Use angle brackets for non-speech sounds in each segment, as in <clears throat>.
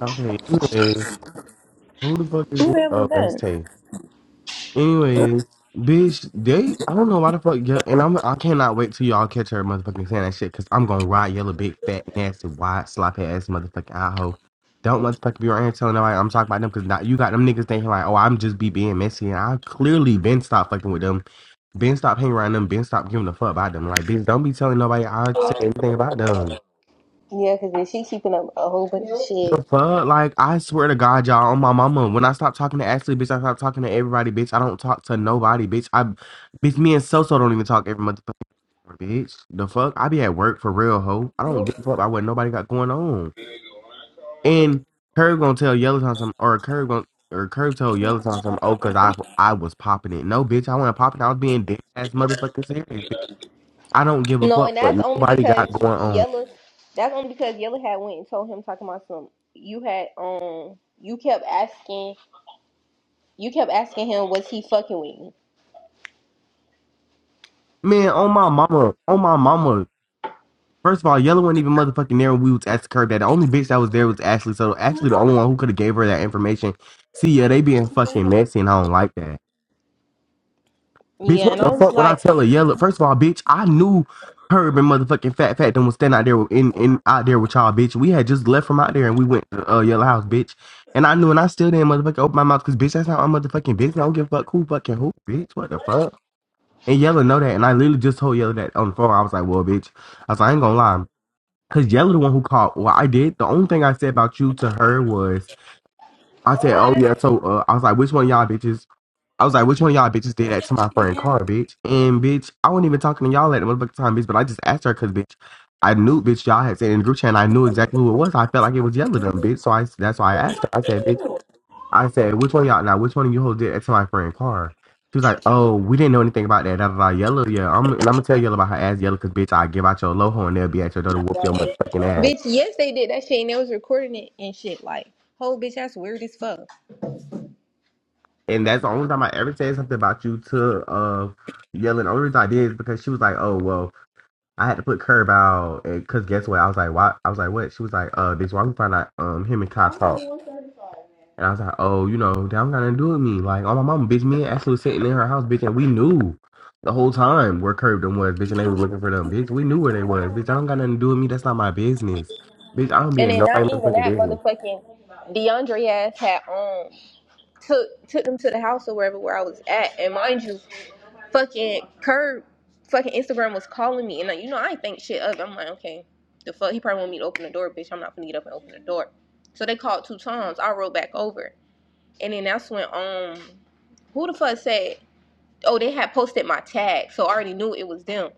Okay, anyways, who the fuck is Who the hell is oh that? that's was Tay. Anyways, bitch, they I don't know why the fuck yeah, and I'm I cannot wait till y'all catch her motherfucking saying that shit because I'm gonna ride yellow big fat nasty wide sloppy ass motherfucking Idaho. Don't motherfucking be around here telling nobody I'm talking about them because now you got them niggas thinking like, oh, I'm just be being messy and I clearly been stopped fucking with them, been stopped hanging around them, been stopped giving a fuck about them. Like, bitch, don't be telling nobody I say anything about them. then? Yeah, because then she keeping up a whole bunch of The shit. fuck? Like, I swear to God, y'all, on my mama, when I stop talking to Ashley, bitch, I stop talking to everybody, bitch. I don't talk to nobody, bitch. I, bitch, me and Soso don't even talk every motherfucking hour, bitch. The fuck? I be at work for real, ho. I don't give a fuck about what nobody got going on. And Curb gonna tell Yellowtime something, or Curb gonna, or Curb told Yellowtime something, oh, cause I, I was popping it. No, bitch, I wasn't popping it. I was being dead ass motherfucking serious, bitch. I don't give a No, and fuck what that's only nobody because got going on. Yella. That's only because Yella had went and told him talking about some. You had um. You kept asking. You kept asking him, was he fucking with me? Man, on my mama, on my mama. First of all, Yellow wasn't even motherfucking there when we was at the curb. That the only bitch that was there was Ashley. So Ashley, the only one who could have gave her that information. See, yeah, they being fucking messy, and I don't like that. Bitch, Yeah, what and I the was fuck would I like, tell her? Yellow? First of all, bitch, I knew Herb and motherfucking Fat Fat then was standing out there with- in, in out there with y'all, bitch. We had just left from out there and we went to uh, Yellow House, bitch. And I knew, and I still didn't motherfucking open my mouth because bitch, that's not my motherfucking business. I don't give a fuck who fucking who, bitch. What the fuck? And Yellow know that, and I literally just told Yellow that on the phone. I was like, well, bitch. I was like, I ain't gonna lie. Cause Yella the one who called. Well, I did. The only thing I said about you to her was I said, "Oh yeah." So uh, I was like, "Which one of y'all bitches?" I was like, "Which one of y'all bitches did that to my friend Car, bitch?" And bitch, I wasn't even talking to y'all at the motherfucking time, bitch. But I just asked her because bitch, I knew bitch y'all had said in the group chat. And I knew exactly who it was. I felt like it was Yella them, bitch. So I that's why I asked her. I said, "Bitch," I said, "Which one of y'all now? Which one of you hoes did that to my friend Car?" She was like, "Oh, we didn't know anything about that." Da da da. Yellow, yeah. I'm and I'm gonna tell Yellow about her ass, Yellow, cause bitch, I give out your loho and they'll be at your door to whoop your motherfucking ass. bitch, yes, they did that shit, and they was recording it and shit. Like, whole bitch, that's weird as fuck. And that's the only time I ever said something about you to uh yelling. The only reason I did is because she was like, "Oh well, I had to put curb out." And cause guess what? I was like, "Why?" I was like, "What?" She was like, "Uh, bitch, why we find out um him and Kai talk?" And I was like, "Oh, you know, that don't got nothing to do with me. Like, oh my mama, bitch, me and Ashley was sitting in her house, bitch, and we knew the whole time where curb them was, bitch, and they was looking for them, bitch. We knew where they was, bitch. That don't got nothing to do with me. That's not my business, bitch. I don't be And in then not nobody's even motherfucking that business." motherfucking DeAndre ass had um took took them to the house or wherever where I was at, and mind you. fucking Curb fucking Instagram was calling me and like, you know I ain't think shit of it. I'm like, okay, the fuck he probably want me to open the door, bitch. I'm not gonna get up and open the door. So they called two times. I rolled back over. And then that's when um who the fuck said oh they had posted my tag. So I already knew it was them.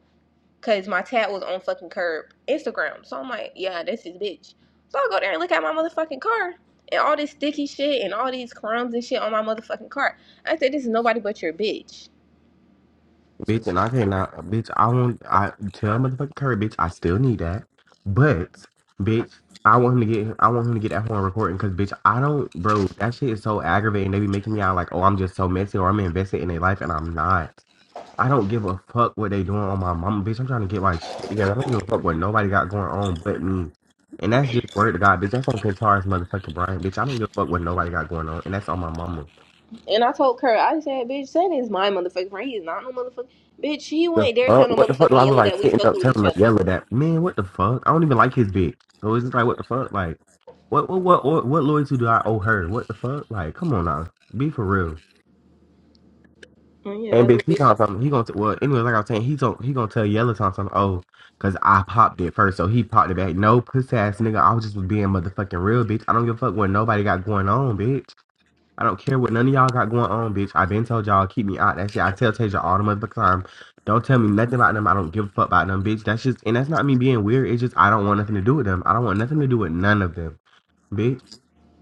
Cause my tag was on fucking curb Instagram. So I'm like, yeah, this is bitch. So I go there and look at my motherfucking car. And all this sticky shit and all these crumbs and shit on my motherfucking car. I said, this is nobody but your bitch. Bitch, and I cannot, bitch, I want, I tell motherfucking Curry, bitch, I still need that. But, bitch, I want him to get, I want him to get that horn recording because, bitch, I don't, bro, that shit is so aggravating. They be making me out like, oh, I'm just so messy or I'm invested in their life and I'm not. I don't give a fuck what they doing on my mama, bitch. I'm trying to get my shit together. I don't give a fuck what nobody got going on but me. And that's just word to God, bitch. That's on Pintar's motherfucking Brian, bitch. I don't give a fuck what nobody got going on. And that's on my mama. And I told Kurt, I said, bitch, Santa is my motherfucking friend. He is not no motherfucker. Bitch, he The went there tell fuck? no What the fuck? I motherfucking was yelling like that we sitting up fucking with telling each her, other. yelling at man, what the fuck? I don't even like his bitch. So it's just like, what the fuck? Like, what, what, what, what, what loyalty do I owe her? What the fuck? Like, come on now, be for real. Oh yeah, And that bitch, little he bitch. gonna something. He gonna t- well, anyway, like I was saying, he gonna he gonna tell Yellow Tom something. Oh, cause I popped it first, so he popped it back. No puss ass nigga, I was just was being motherfucking real, bitch. I don't give a fuck what nobody got going on, bitch. I don't care what none of y'all got going on, bitch. I been told y'all keep me out. That shit I tell Tasia all the motherfucking time. Don't tell me nothing about them. I don't give a fuck about them, bitch. That's just and that's not me being weird. It's just I don't want nothing to do with them. I don't want nothing to do with none of them, bitch.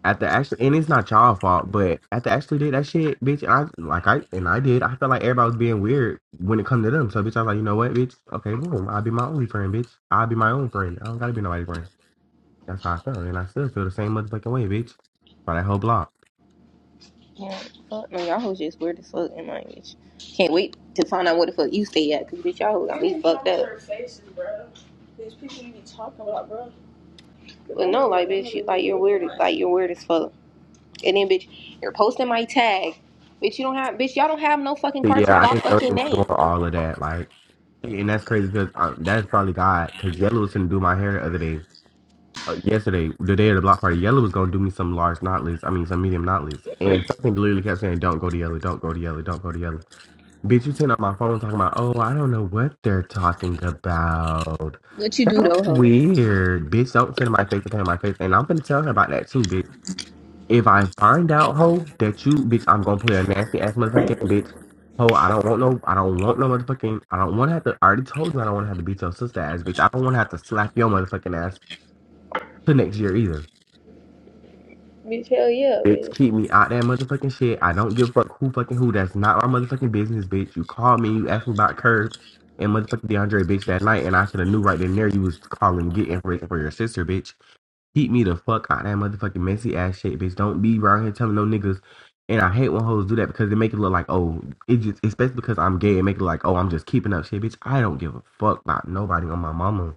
At the actually and it's not y'all fault, but at the actually did that shit, bitch, and I like I and I did. I felt like everybody was being weird when it come to them. So bitch, I was like, you know what, bitch? Okay, boom. I'll be my only friend, bitch. I'll be my own friend. I don't gotta be nobody's friend. That's how I felt. And I still feel the same motherfucking way, bitch. By that whole block. Yeah, fuck no, y'all hoes just weird as fuck in my bitch. Can't wait to find out where the fuck you stay at, cause bitch, y'all hoes got me fucked up. bro. bro. Bitch, people you be talking about, bro. But no, like bitch, you, like you're weird, like you're weird as fuck. And then bitch, you're posting my tag. Bitch, you don't have, bitch, y'all don't have no fucking But cartoon. yeah, I Y'all didn't know fucking they were doing name. all of that. Like, and that's crazy because uh, that's probably God. Because Yellow was gonna do my hair the other day, uh, yesterday, the day of the block party. Yellow was gonna do me some large knotless. I mean, some medium knotless. And something literally kept saying, "Don't go to Yellow. Don't go to Yellow. Don't go to Yellow." Bitch, you sitting on my phone talking about, "Oh, I don't know what they're talking about." What you do That's though, homie? weird, bitch. Don't sit in my face and play in my face. And I'm gonna tell her about that too, bitch. If I find out, ho, that you, bitch, I'm gonna play a nasty ass motherfucking game, bitch. Ho, I don't want no, I don't want no motherfucking, I don't want to have to. I already told you I don't want to have to beat your sister ass, bitch. I don't want to have to slap your motherfucking ass till next year either. Bitch, hell yeah, Bitch, bitch. keep me out that motherfucking shit. I don't give a fuck who fucking who. That's not my motherfucking business, bitch. You called me, you asked me about Curve and motherfucking DeAndre, bitch, that night, and I should have knew right then there you was calling, getting ready for your sister, bitch. Keep me the fuck out that motherfucking messy ass shit, bitch. Don't be around here telling no niggas. And I hate when hoes do that because they make it look like, oh, it just, especially because I'm gay, it make it like, oh, I'm just keeping up shit, bitch. I don't give a fuck about nobody on my mama,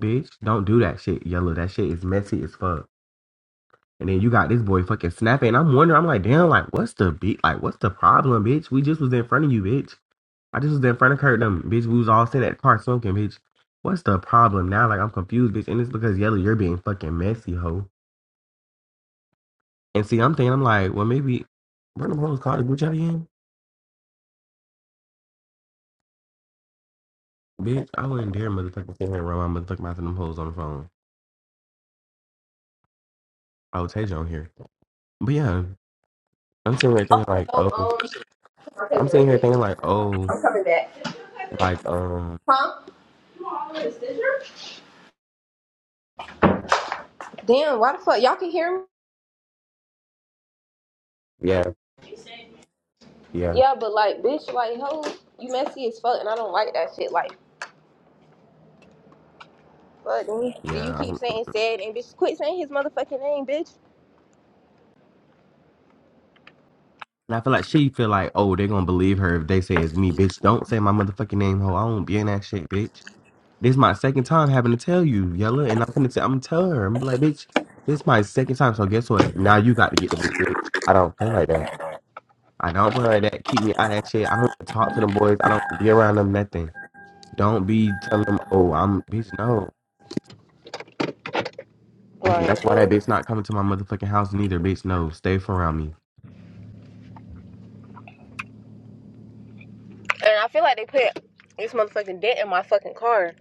bitch. Don't do that shit, yellow. That shit is messy as fuck. And then you got this boy fucking snapping. I'm wondering, I'm like, damn, like, what's the beat? Like, what's the problem, bitch? We just was in front of you, bitch. I just was in front of Kurt, them, bitch. We was all sitting at the car smoking, bitch. What's the problem now? Like, I'm confused, bitch. And it's because, yellow, you're being fucking messy, hoe. And see, I'm thinking, I'm like, well, maybe Brandon Hoes called the group chat again. Bitch, I wouldn't dare motherfucking sit here and run my motherfucking mouth to them hoes on the phone. I would tell you on here. But yeah, I'm sitting here thinking like, oh, Oh, um, I'll take I'm it real sitting here quick. thinking like, oh, I'm coming back. like, um, Huh? Damn, why the fuck? Y'all can hear me? yeah, yeah, Yeah, but like, bitch, like, ho, you messy as fuck, and I don't like that shit. Like, fuck, dude. do you yeah. keep I'm- saying said and bitch? Quit saying his motherfucking name, bitch. And I feel like she feel like, oh, they're gonna believe her if they say it's me, bitch. Don't say my motherfucking name, ho. I won't be in that shit, bitch. This is my second time having to tell you, Yella, and I'm gonna tell, I'm gonna tell her. I'm like, bitch, this is my second time, so guess what? Now you got to get the boot, bitch. I don't play like that. I don't wear that. Keep me out of that shit. I don't even talk to them boys. I don't be around them nothing. Don't be telling them, oh, I'm bitch. No, that's Right. that's why that bitch not coming to my motherfucking house neither. Bitch, no, stay from around me. And I feel like they put this motherfucking dent in my fucking car.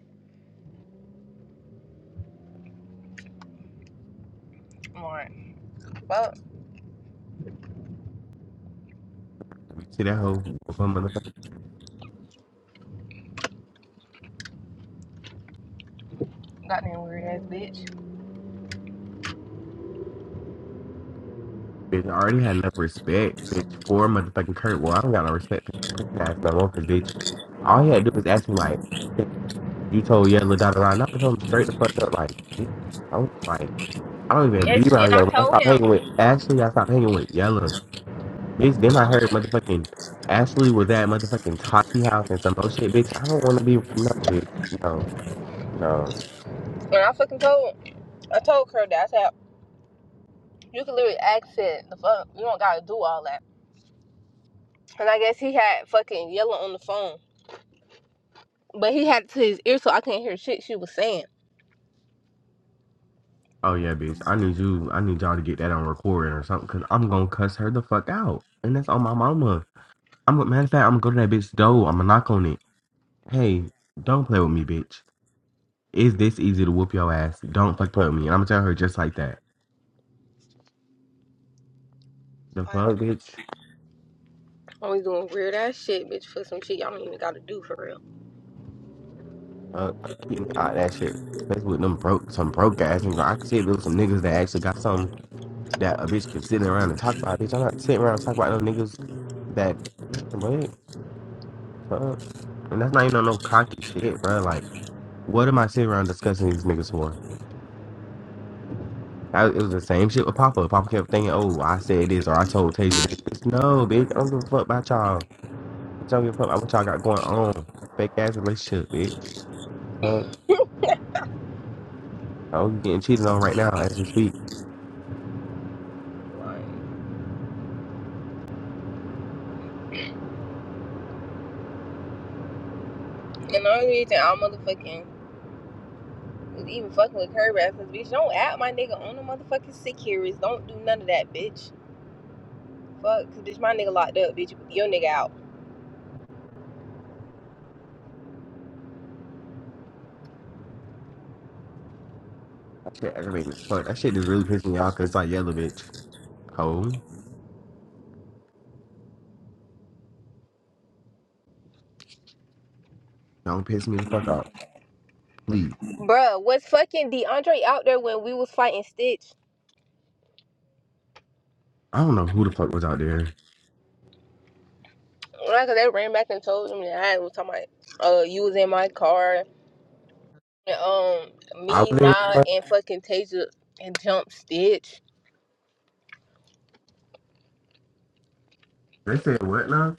Right. Fuck. You see that hoe? With her motherfucking Goddamn weird ass bitch. bitch. I already had enough respect, bitch, for motherfucking Kurt. Well, I don't got no respect for his pussy ass no more, cause bitch, all he had to do was ask me like, you told Yellow Dot around. I told him straight the fuck up, like, bitch, I was like, I don't even be Yes, and around I Yellow. I told stopped him, hanging with. Actually, I stopped hanging with Yellow. Bitch, then I heard motherfucking Ashley was at motherfucking Tati house and some other shit, bitch. I don't want to be no, bitch. No, no. and I fucking told, I told her that I said, you can literally accent the fuck. You don't gotta do all that. And I guess he had fucking yelling on the phone. But he had it to his ear, so I couldn't hear shit she was saying. Oh yeah, bitch. I need you. I need y'all to get that on recording or something, cause I'm gonna cuss her the fuck out, and that's on my mama. I'm matter of fact, I'm gonna go to that bitch door. I'm gonna knock on it. Hey, don't play with me, bitch. Is this easy to whoop your ass? Don't fuck play with me, and I'm gonna tell her just like that. The Like, fuck, bitch. always doing weird ass shit, bitch, for some shit y'all don't even gotta do for real. Uh, keep me out of that shit. That's with them broke, some broke ass. niggas. I can see it with some niggas that actually got some. that a bitch could sit around and talk about. Bitch, I'm not sitting around talking about no niggas that man, what fuck. And that's not even on no cocky shit, bro. Like, what am I sitting around discussing these niggas for? I, it was the same shit with Papa. Papa kept thinking, "Oh, I said this or I told Tasia this." Bitch, no, bitch, I don't give a fuck about y'all. Bitch, I don't give a fuck about what y'all got going on. Fake ass relationship, bitch. Fuck. Oh, you getting cheated on right now as we speak. Like, and the only reason I motherfucking was even fucking with her ass is, bitch, don't add my nigga on the motherfucking sick here is. Don't do none of that, bitch. Fuck, cause bitch, my nigga locked up, bitch. Your nigga out. That shit aggravating as fuck. That shit just really pissing me off because it's like, yellow, bitch. Ho, don't piss me the fuck off, please. Bruh, was fucking DeAndre out there when we was fighting Stitch? I don't know who the fuck was out there. Right, cause they ran back and told him that I was talking about, uh, you was in my car. And, um, I me, <laughs> was in Nah, fuck. and fucking Tasia and jump Stitch. They said what now?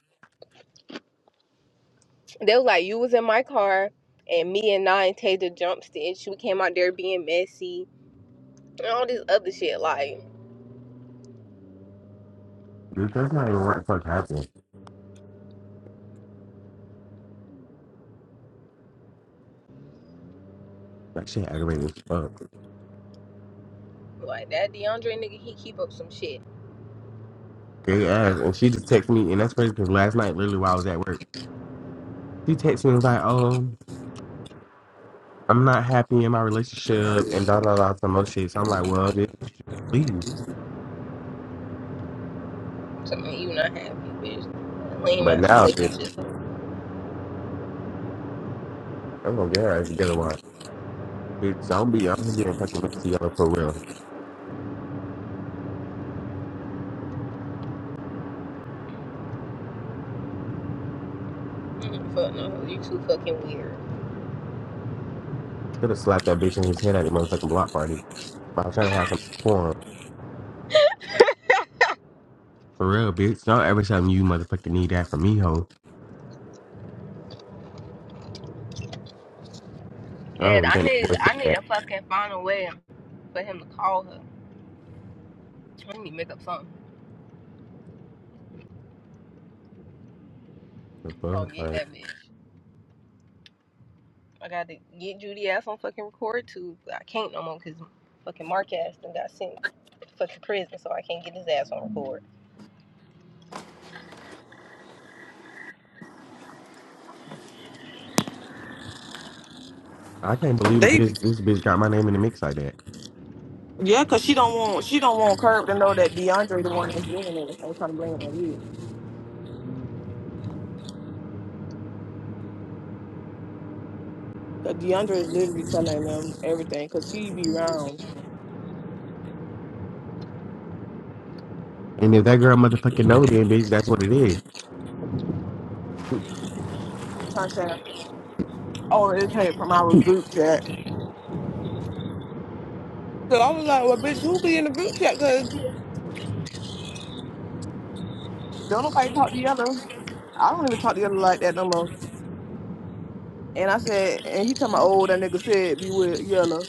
They was like, you was in my car, and me and Nye and Taylor jump stitch. We came out there being messy and all this other shit. Like, Dude, that's not even what the fuck happened. That shit aggravating as fuck. like that DeAndre nigga, he keep up some shit. They asked, and she just texted me, and that's crazy because last night, literally while I was at work, she texted me and was like, "Oh, I'm not happy in my relationship," and da da da some other shit. So I'm like, "Well, bitch, you can leave." So man, you not happy, bitch. Lame But ass now, bitch, relationship. I'm gonna get her ass together. Why, bitch? Don't be out here being fucking messy yellow for real. Mm, Fuck no, you too fucking weird. Should have slapped that bitch in his head at the motherfucking block party. I was trying to have some fun. For real, bitch. Don't ever tell me you motherfucking need that from me, ho. I And don't I think that need, boy said I need that. to fucking find a way for him to call her. I need to make up something. The So I'll fuck? get Like, that bitch. I got to get Judy ass on fucking record too. but I can't no more because fucking Mark ass done got sent to fucking prison, so I can't get his ass on record. I can't believe They this, this bitch got my name in the mix like that. yeah, cause she don't want she don't want Curb to know that DeAndre the one that's doing everything. I'm trying to blame it on you. Cause DeAndre is literally telling them everything. Cause she be round And if that girl motherfucking know, then bitch, that's what it is. trying to say, oh, it came from our group chat. So I was like, well, bitch, who be in the group chat? Cause don't nobody talk to the other. I don't even talk to the other like that no more. And I said, and he talking about, oh, that nigga said be with Yellow.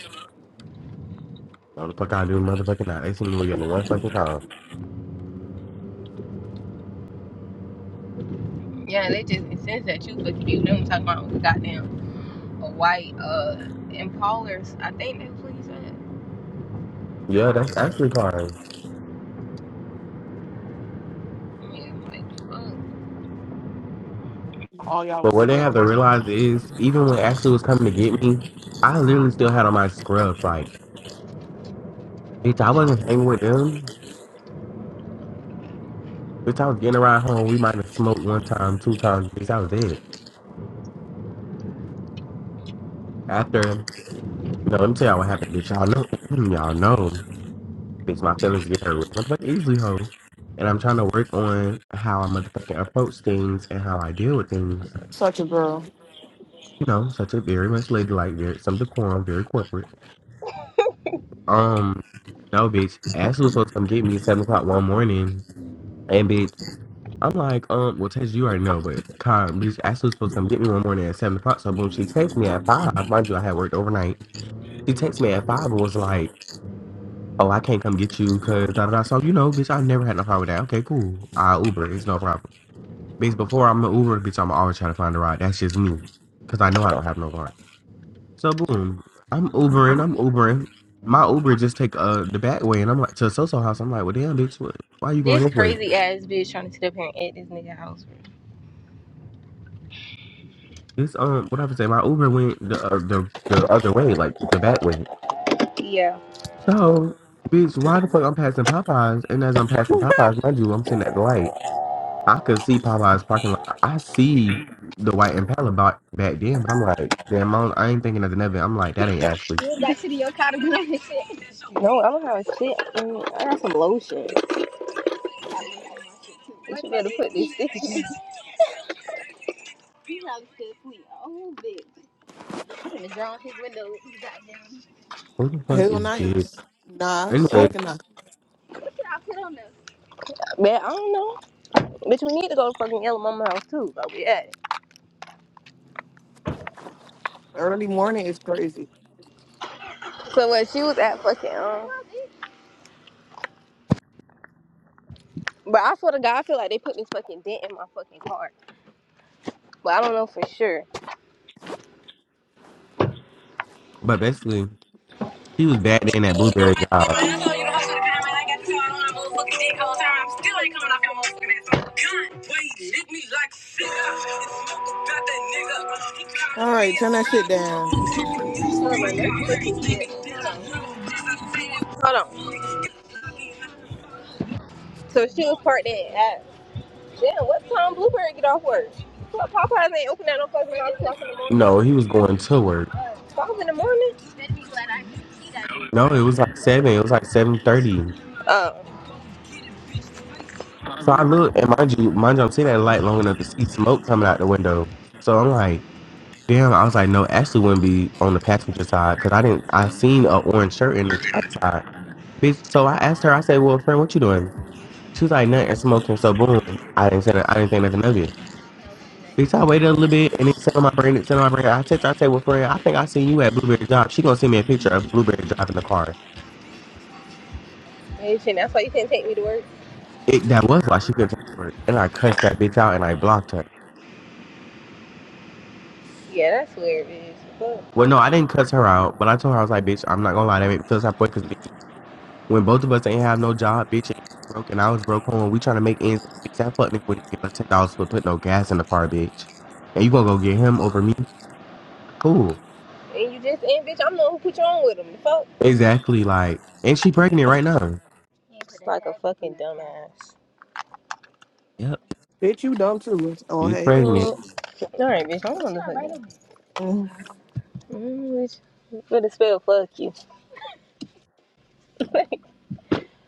So the fuck I do motherfucking not. They seen me yelling one fucking time. Yeah, they just insist that you fucking you. They don't talk about a goddamn a white uh Impalas. I think that's what he said. Yeah, that's actually time. Yeah, like fuck. All y'all But was what they together. have to realize is, even when Ashley was coming to get me, I literally still had on my scrubs. Like, bitch, I wasn't hanging with them. Bitch, I was getting around home. We might have smoked one time, two times. Bitch, I was it. After, no, let me tell y'all what happened, bitch. Y'all know, <clears throat> y'all know. thinks my feelings get hurt real motherfucking easily, ho. And I'm trying to work on how I motherfucking approach things and how I deal with things. Such a girl. You know, such a very much ladylike, very some decorum, very corporate. Um, no, bitch. Ashley was supposed to come get me at seven o'clock one morning, and bitch, I'm like, um, well, Tasia, you already know, but con, bitch, Ashley was supposed to come get me one morning at seven o'clock. So boom, she texts me at five. Mind you, I had worked overnight. She texts me at five and was like, "Oh, I can't come get you because da da da." So you know, bitch, I never had no problem with that. Okay, cool. I Uber, it's no problem. Because before I'm an Uber, bitch, I'm always trying to find a ride. That's just me. Because I know I don't have no car. So boom, I'm Ubering, I'm Ubering. My Uber just take uh the back way, and I'm like to SoSo house. I'm like, well, damn, bitch, what, why you going This this way? crazy ass bitch trying to sit up here and at this nigga house. This um, what I would say, my Uber went the uh, the the other way, like the back way. Yeah. So, bitch, why the fuck I'm passing Popeyes? And as I'm passing Popeyes, mind you, I'm sitting at the light. I could see Popeyes parking lot. I see the white Impala back then, but I'm like, damn, I, I ain't thinking nothing of it. I'm like, that ain't Ashley. Go back to the your car to get my shit. <laughs> No, I don't have a shit. Mm, I got some lotion. you better put these stickers. He like this sweet old bitch. Put him in his window. He got down. What the He fuck Hell got is down. this? nights. Nah, Anyway, Mm, psyching up. What y'all put on there? Man, I don't know. Bitch, we need to go to fucking Yellow Mama house too. But we at it. Early morning is crazy. So what? She was at fucking um. But I swear to God, I feel like they put this fucking dent in my fucking car. But I don't know for sure. but basically, he was bad in that blueberry job. All right, turn that shit down. Hold on, Hold on. Hold on. So she was parked in at. Damn, what time Blueberry get off work? What Popeyes ain't open at no fucking nine o'clock in the morning? No, he was going to work. Five in the morning? No, it was like seven. It was like seven thirty. Oh. So I look, and mind you, mind you, I'm seeing that light long enough to see smoke coming out the window. So I'm like, damn. I was like, no, Ashley wouldn't be on the passenger side because I didn't. I seen a orange shirt in the driver's side, bitch. So I asked her. I said, well, friend, what you doing? She was like, nothing, smoking. So boom, I didn't say. I didn't think nothing of it. Bitch, I waited a little bit and it's set my brain, it's set my brain. I text, I text with friend, I think I seen you at Blueberry Drive. She gonna send me a picture of Blueberry Drive in the car. Bitch, and that's why you can't take me to work. It, that was why she couldn't take the work. And I cussed that bitch out and I blocked her. Yeah, that's weird, bitch. Fuck. Well, no, I didn't cuss her out, but I told her, I was like, bitch, I'm not gonna lie, that made me feel that way because bitch, when both of us ain't have no job, bitch, and you broke and I was broke home, we trying to make ends meet. Bitch, That fuck nigga wouldn't give us $10 for putting no gas in the car, bitch. And you gonna go get him over me? Cool. And you just and bitch, I'm the one who put you on with them. The fuck. Exactly, like, and she pregnant right now. You Just like a fucking Yep, Bitch, you dumb too. Oh, she's hey. pregnant. dumbass. Mm. All right, bitch. I'm gonna fucking. Mm. Mm, bitch. you Better spell fuck you. <laughs> Like,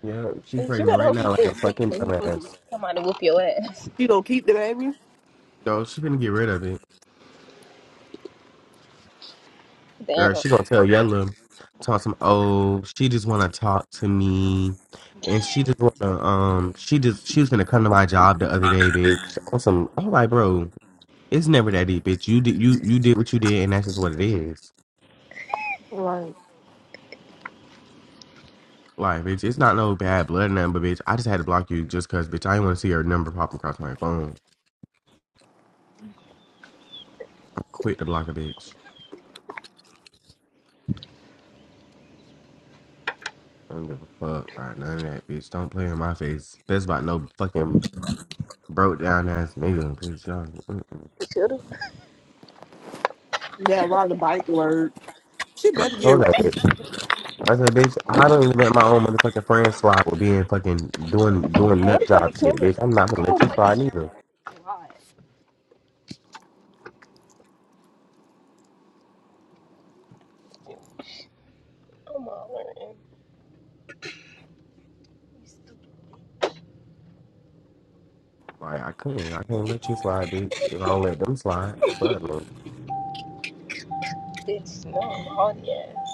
Yeah, she Bitch, you pregnant better right hope you now like still a asleep fucking when you fucking dumbass. somebody whoop your ass. She gonna keep the baby? So she gonna get rid of it. <laughs> Girl, Damn. she gonna tell Yella talk some oh, she just wanna talk to me. And she just wanna um she just she was gonna come to my job the other day, bitch. On some I'm like, bro, it's never that deep, bitch. You did you you did what you did and that's just what it is. Right. Like, bitch, it's not no bad blood number, bitch. I just had to block you just cause bitch I didn't wanna see her number popping across my phone. I quit to block a bitch. I don't give a fuck about none of that, bitch. Don't play in my face. That's about no fucking broke down ass nigga, bitch. y'all. mm-mm. Should've. Yeah, ride the bike word. She And I better get. told that bitch, I said, bitch, I don't even let my own motherfucking friends slide with being fucking doing doing What the nut fuck the job shit, camera? bitch. I'm not gonna Oh, let you fucking slide camera. neither. I'm all learning. You stupid Like I couldn't, I can't let you slide, bitch. If I don't let them slide, fuck no. bitch. No, i all the ass.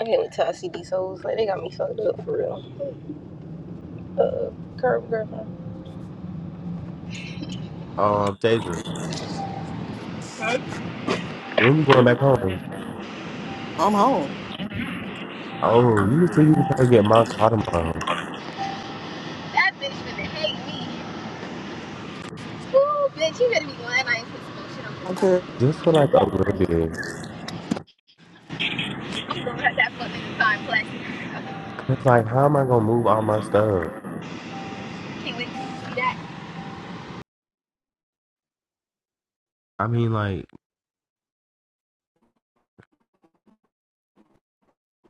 I can't wait till I see these hoes. Like they got me fucked up for real. Um, Tasia, when you going back home? I'm home. Oh, you said you was trying to get my car tomorrow, That bitch finna hate me. Ooh, bitch, you better be glad I ain't put some more shit on this Okay. just for like a little bit. stuff. I'm gonna cut that fucking time plastic. Cause like, how am I gonna move all my stuff? <laughs> Can't wait to see that. I mean, like,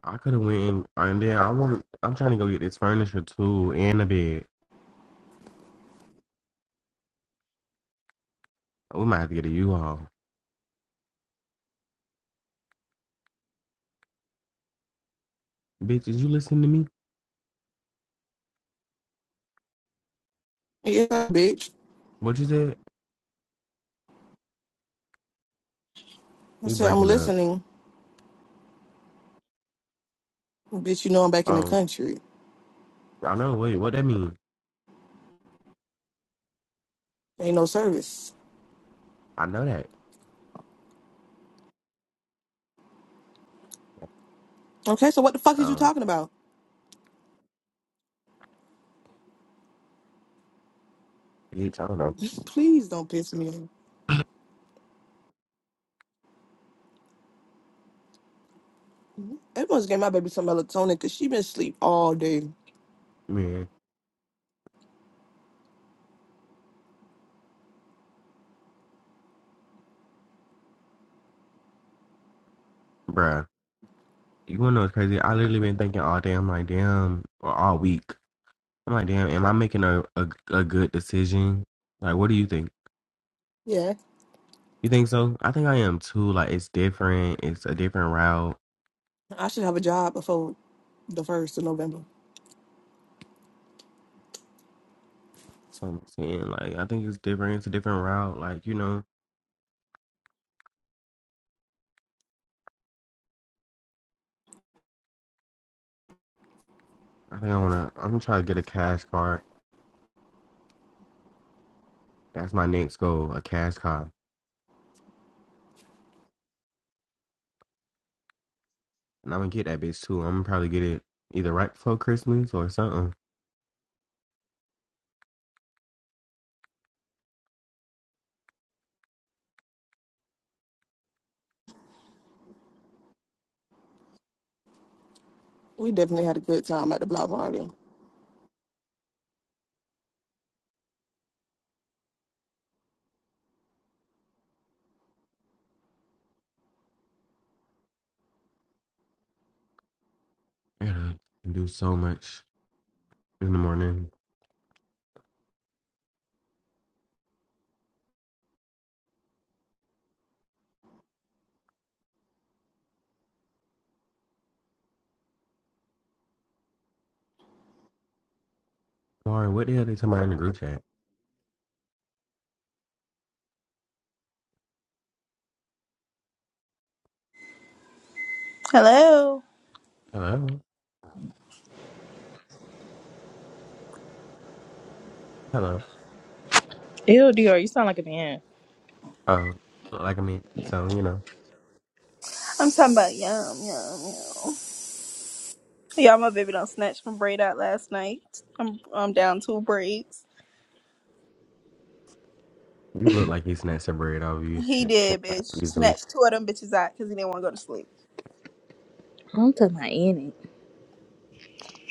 I could have went and, and then I want. I'm trying to go get this furniture too and a bed. Oh, We might have to get a U-Haul. Bitch, is you listening to me? Yeah, bitch. What you said? I You said, I'm breaking up. listening. Bitch, you know I'm back in the Oh, country. I know. Wait, what that mean? Ain't no service. I know that. Okay, so what the fuck is you Um, talking about? bitch, I don't know. <laughs> Please don't piss me off. Everyone's gave my baby some melatonin because she been asleep all day. Man, bruh. You wanna know what's crazy? I literally been thinking all day. I'm like, damn, or all week. I'm like, damn, am I making a, a, a good decision? Like, what do you think? Yeah. You think so? I think I am too. Like, it's different. It's a different route. I should have a job before the 1st of November. So I'm saying, like, I think it's different. It's a different route. Like, you know, I think I wanna, I'm gonna try to get a cash card That's my next goal, a cash car. And I'm gonna get that bitch too. I'm gonna probably get it either right before Christmas or something. We definitely had a good time at the block party. Yeah, I can do so much in the morning. Sorry, what the hell they talking about in the group chat? Hello. Hello? Hello? Ew, Dior, you sound like a man. Oh, look like I'm in. So, you know, I'm talking about yum yum yum. Y'all, my baby don't snatch my braid out last night. I'm I'm down two braids. you look like you snatched a bread off you He <laughs> Yeah, did, bitch. easily. Snatched two of them bitches out because he didn't want to go to sleep. I'm talking about in it.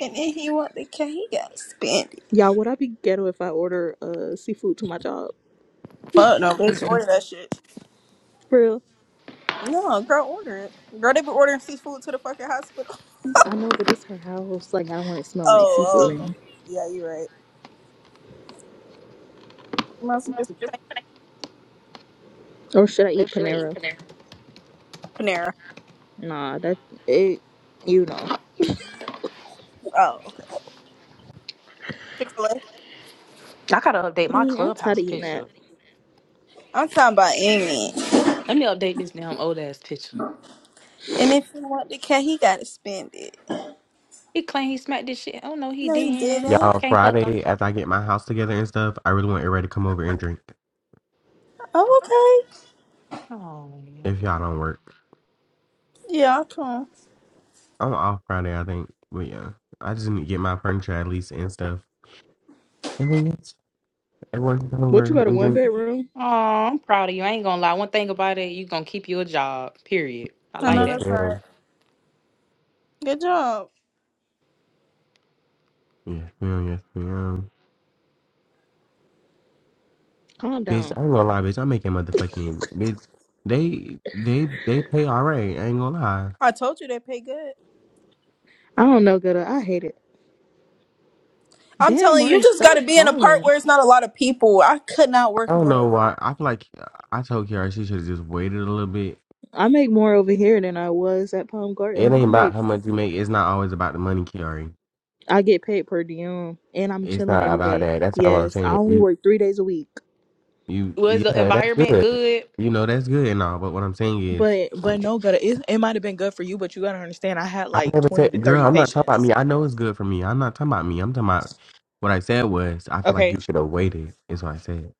And then he want the cake. He got spend it. Y'all, would I be ghetto if I order uh seafood to my job? Fuck no, bitch. Order Mm-mm. that shit. For real? No, girl, order it. Girl, they be ordering seafood to the fucking hospital. <laughs> I know, but it's her house. Like, I don't want it smell like Oh, seafood oh, oh. in it. yeah, you right. You Must be Or should I What eat should I eat Panera? for dinner? Panera. Nah, that it. You know, Oh, okay. Chick Fil A. I gotta update my Mm, I'm tired clubhouse of eating that. picture. I'm talking about Amy. Let me update this damn old ass picture. And if you want the cat, he gotta spend it. He claimed he smacked this shit. Oh no, he No, he didn't. didn't. Y'all, Can't fuck him. Friday, after I get my house together and stuff, I really want everybody to come over and drink Oh, okay. Oh, if y'all don't work. Yeah, I'll I'm off Friday, I think. But yeah, I just need to get my furniture at least and stuff. And then yeah, I worked What over you got a and one then bedroom? oh, I'm proud of you. I ain't gonna lie. One thing about it, you gonna keep your job. Period. I I like know yes that. that's right. ma'am, Good job. yes ma'am, yes ma'am. Calm Bitch, down. I ain't gonna lie, bitch. I'm making motherfucking bitch. They they they pay all right. I ain't gonna lie. I told you they pay good. I don't know, ghetto. I hate it. I'm Damn, telling you, you Mari, just got to stop be in a part calling. where it's not a lot of people. I could not work I in don't the know work. why. I feel like uh, I told Kiara she should have just waited a little bit. I make more over here than I was at Palm It Garden. I ain't about make, how much you make. It's not always about the money, Kiari. I get paid per diem, and I'm It's chilling not every about day. that. That's all I'm Yes, I saying. only You work three days a week. you Was the yeah, that's environment good. good? You know that's good and all. But what I'm saying is But but no, but it it might have been good for you, but you gotta understand I had I like never twenty said, to thirty girl, I'm not talking about patients. me. I know it's good for me. I'm not talking about me. I'm talking about what I said was, I feel like Okay. you should have waited, is what I said.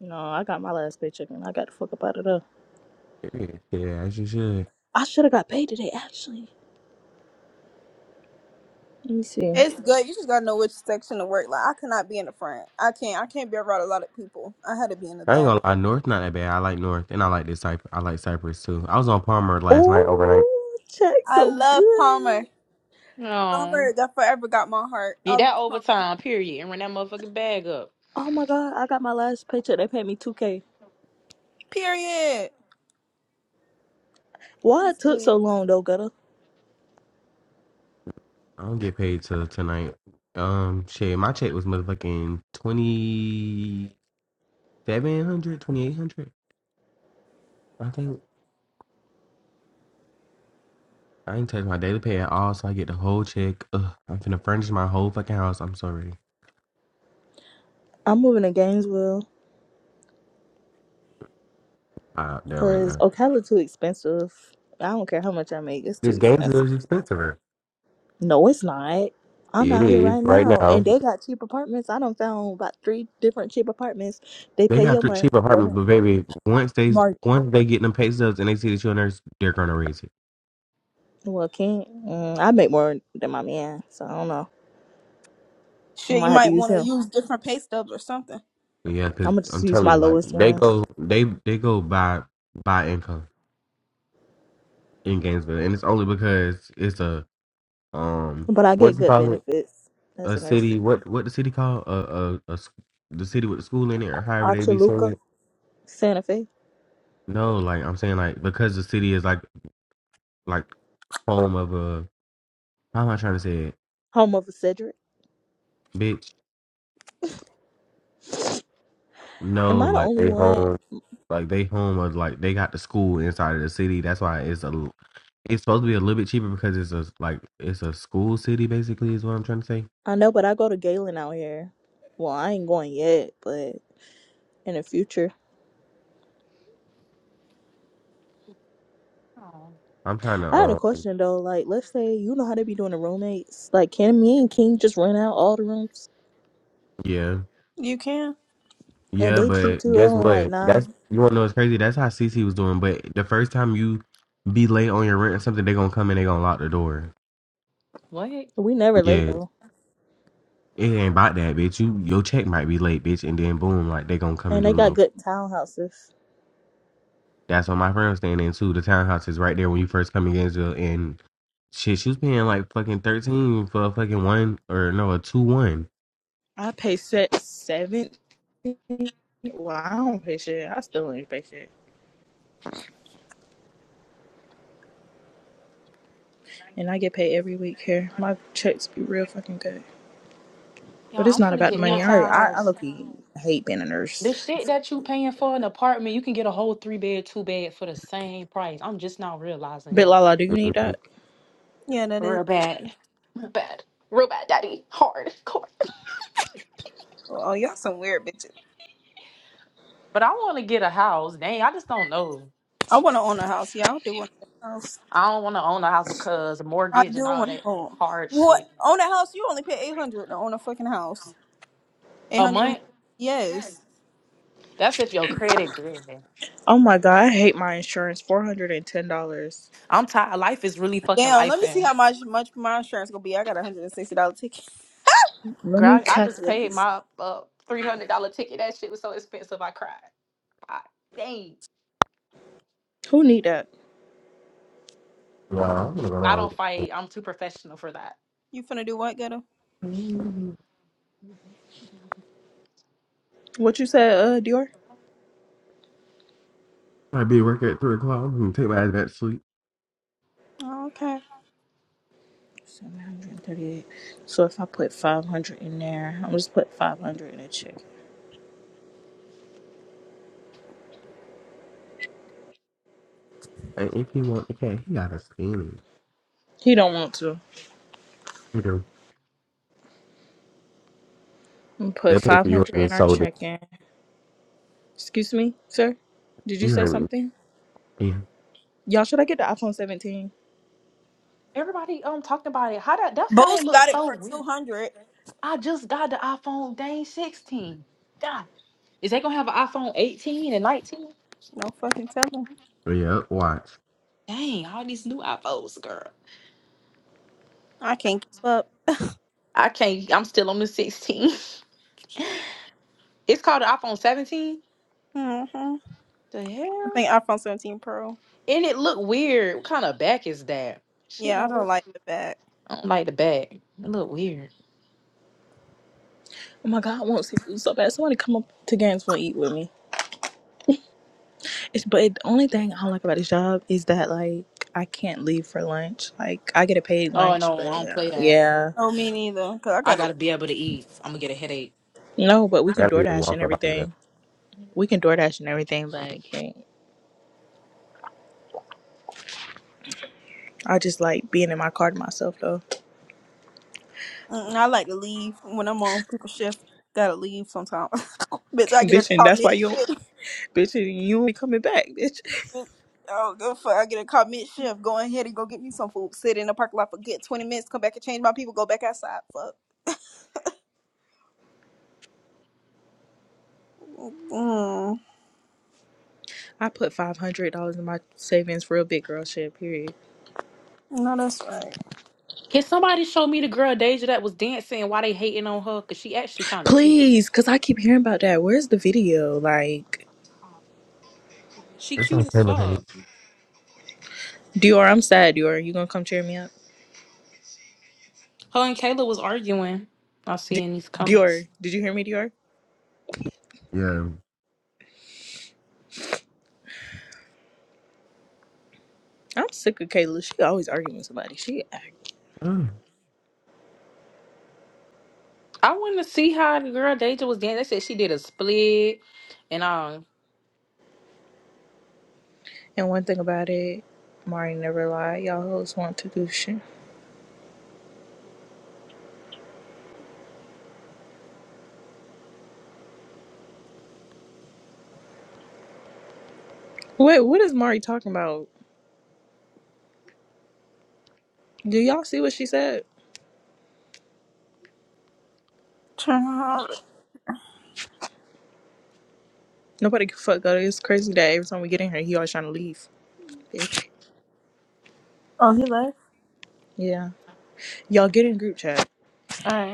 No, I got my last paycheck and I got the fuck up out of there. Period. Yeah, as you should. I should have got paid today actually. Let me see. It's good. You just got to know which section to work. Like, I could not be in the front. I can't. I can't be around a lot of people. I had to be in the I ain't back. gonna lie, North not that bad. I like North and I like this Cypress. I like Cypress too. I was on Palmer last night overnight. Oh check I so love good. Palmer. No. Palmer, that forever got my heart. I Get that love Palmer. overtime. Period. And run that motherfucking bag up. Oh my god, I got my last paycheck. They paid me two K. Period. Why That's it took good. so long though, gutter? I don't get paid till tonight. Um, shit, my check was motherfucking twenty seven hundred, twenty eight hundred. I think. I ain't touched my daily pay at all, so I get the whole check. Ugh, I'm finna furnish my whole fucking house. I'm sorry. I'm moving to Gainesville I out there right because now. Ocala too expensive. I don't care how much I make, it's too This expensive. Gainesville is expensive. No, it's not. I'm It out here is right right now, and now. they got cheap apartments. I don't found about three different cheap apartments. They They pay have your to month, cheap your apartments, rent. but baby, once they Mark, once they get them pay stubs and they see the children, they're gonna raise it. well, can't. Mm, I make more than my man, so I don't know. I Shit, might you have to might use want to him. use different pay stubs or something. Yeah, I'm because gonna just I'm use telling my you, like lowest they ones, go they they go by by income in Gainesville, and it's only because it's a um but I what get do you good call it? benefits as A a nurse. city? What what the city called? A a, a s- the city with the school in it, or however they be saying Achaluca, it. Santa Fe, No, like I'm saying, like because the city is like like home of a how am I trying to say it? home of Cedric. bitch. Am No, I the like only they one? home, like they home or like they got the school inside of the city. That's why it's a, l- it's supposed to be a little bit cheaper because it's a like it's a school city basically is what I'm trying to say. I know, but I go to Galen out here. Well, I ain't going yet, but in the future. Oh, I'm trying to, I had a uh, question though. Like, let's say you know how they be doing the roommates. Like, can me and King just rent out all the rooms? yeah, You can. And yeah. they cheap But too. They guess only like what? That's nine. you want to know it's crazy. That's how CC was doing. But the first time you be late on your rent or something, they gonna come and they gonna lock the door. what? We never late Yeah, though. it ain't about that, bitch. You your check might be late, bitch, and then boom, like they gonna come and And do they the got most. good townhouses. That's what my friend was staying in too. The townhouse is right there when you first come in Gainesville, and shit, she was paying like fucking thirteen for a fucking one or no a two one. I pay set seven. Well, I don't pay shit. I still ain't pay shit, and I get paid every week here. My checks be real fucking good, Y'all, but it's I'm not finna about the get me a money. I already, I, I townhouse. look hate being a The nurse. shit that you paying for an apartment, you can get a whole three bed, two bed for the same price. I'm just now realizing But this. Lala, do you need that? Yeah, that is. Bad. Real bad, daddy. Hard. Core. Oh, y'all some weird bitches. But I want to get a house. Dang, I just don't know. I want to own a house. Yeah, I do want a house. I don't want to own a house because I mortgage and do all want that to own. hard What shit. own a house? You only pay eight hundred to own a fucking house. Eight A hundred. a month. month? Yes. That's if your credit good. Oh my god, I hate my insurance. Four hundred and ten dollars. I'm tired. Life is really fucking Damn. Let life, me see man. how much much my insurance gonna be. I got a hundred and sixty dollar ticket. Let me Girl, I, I just calculate paid this. my uh, $300 ticket. That shit was so expensive, I cried. I, dang. Who need that? Wow, I'm gonna go I don't down. fight. I'm too professional for that. You finna do what, ghetto? Mm. What you said, uh, Dior? Might be working at three o'clock. I'm gonna take my ass back to sleep. Oh, okay. 738. So if I put 500 in there, I'm just put 500 in a check. And if you want, okay, he got a skinny. He don't want to. You know, I'm gonna put they'll pay for yours 500 and in our sold it. check. In. Excuse me, sir? Did you You say heard me. something? Yeah, Y'all, should I get the iPhone 17? Everybody um talked about it. How that that phone Boost looks got it so for two weird. hundred. I just got the iPhone dang 16. God. Is they gonna have an iPhone 18 and 19? No fucking telling. yeah. Yep, Watch. Dang, all these new iPhones, girl. I can't keep up. I can't I'm still on the 16. <laughs> it's called the iPhone 17. hmm The I hell? think iPhone 17 Pro. And it look weird. What kind of back is that? Shit Yeah, I don't don't look like the back. I don't like the back. It look weird. Oh my god, I want seafood so bad. Somebody come up to Gainesville and eat with me. It's, but the only thing I don't like about this job is that, like, I can't leave for lunch. Like, I get a paid Oh lunch, no, but I don't play uh, that. yeah. Oh, me neither. Cause I I gotta. gotta be able to eat. I'm gonna get a headache. No, but we can That'll be a DoorDash and walk up out of that. everything. We can DoorDash and everything, but I can't. I just like being in my car to myself though. mm, I like to leave when I'm on people shift. Gotta leave sometimes. <laughs> <laughs> Bitch, I get a bitch, and call that's mid why you shift. don't, <laughs> bitch, and you ain't coming back, bitch. Oh, good fuck. I get a call mid shift. Go ahead and go get me some food. Sit in the parking lot for good 20 minutes. Come back and change my people. Go back outside. Fuck. Mm. I put five hundred dollars in my savings real big girl shit, period. No, that's right. Can somebody show me the girl Deja that was dancing? Why they hating on her? Cause she actually kind of cute. Please, cause I keep hearing about that. Where's the video? Like She It's on cute as Taylor page. fuck. Dior, I'm sad, Dior. You gonna come cheer me up? Her and Kayla was arguing. I see D- in these comments. Dior, did you hear me, Dior? Yeah. I'm sick of Kayla. She always arguing with somebody. She act- I wanted to see how the girl Deja was dancing. They said she did a split and all. and one thing about it, Mari never lied. Y'all hoes want to do shit. Wait, what is Mari talking about? Do y'all see what she said? Turn around. Nobody can fuck up. It's crazy that every time we get in here, he always trying to leave. Bitch. Oh, he left? Yeah. Y'all get in group chat. Alright.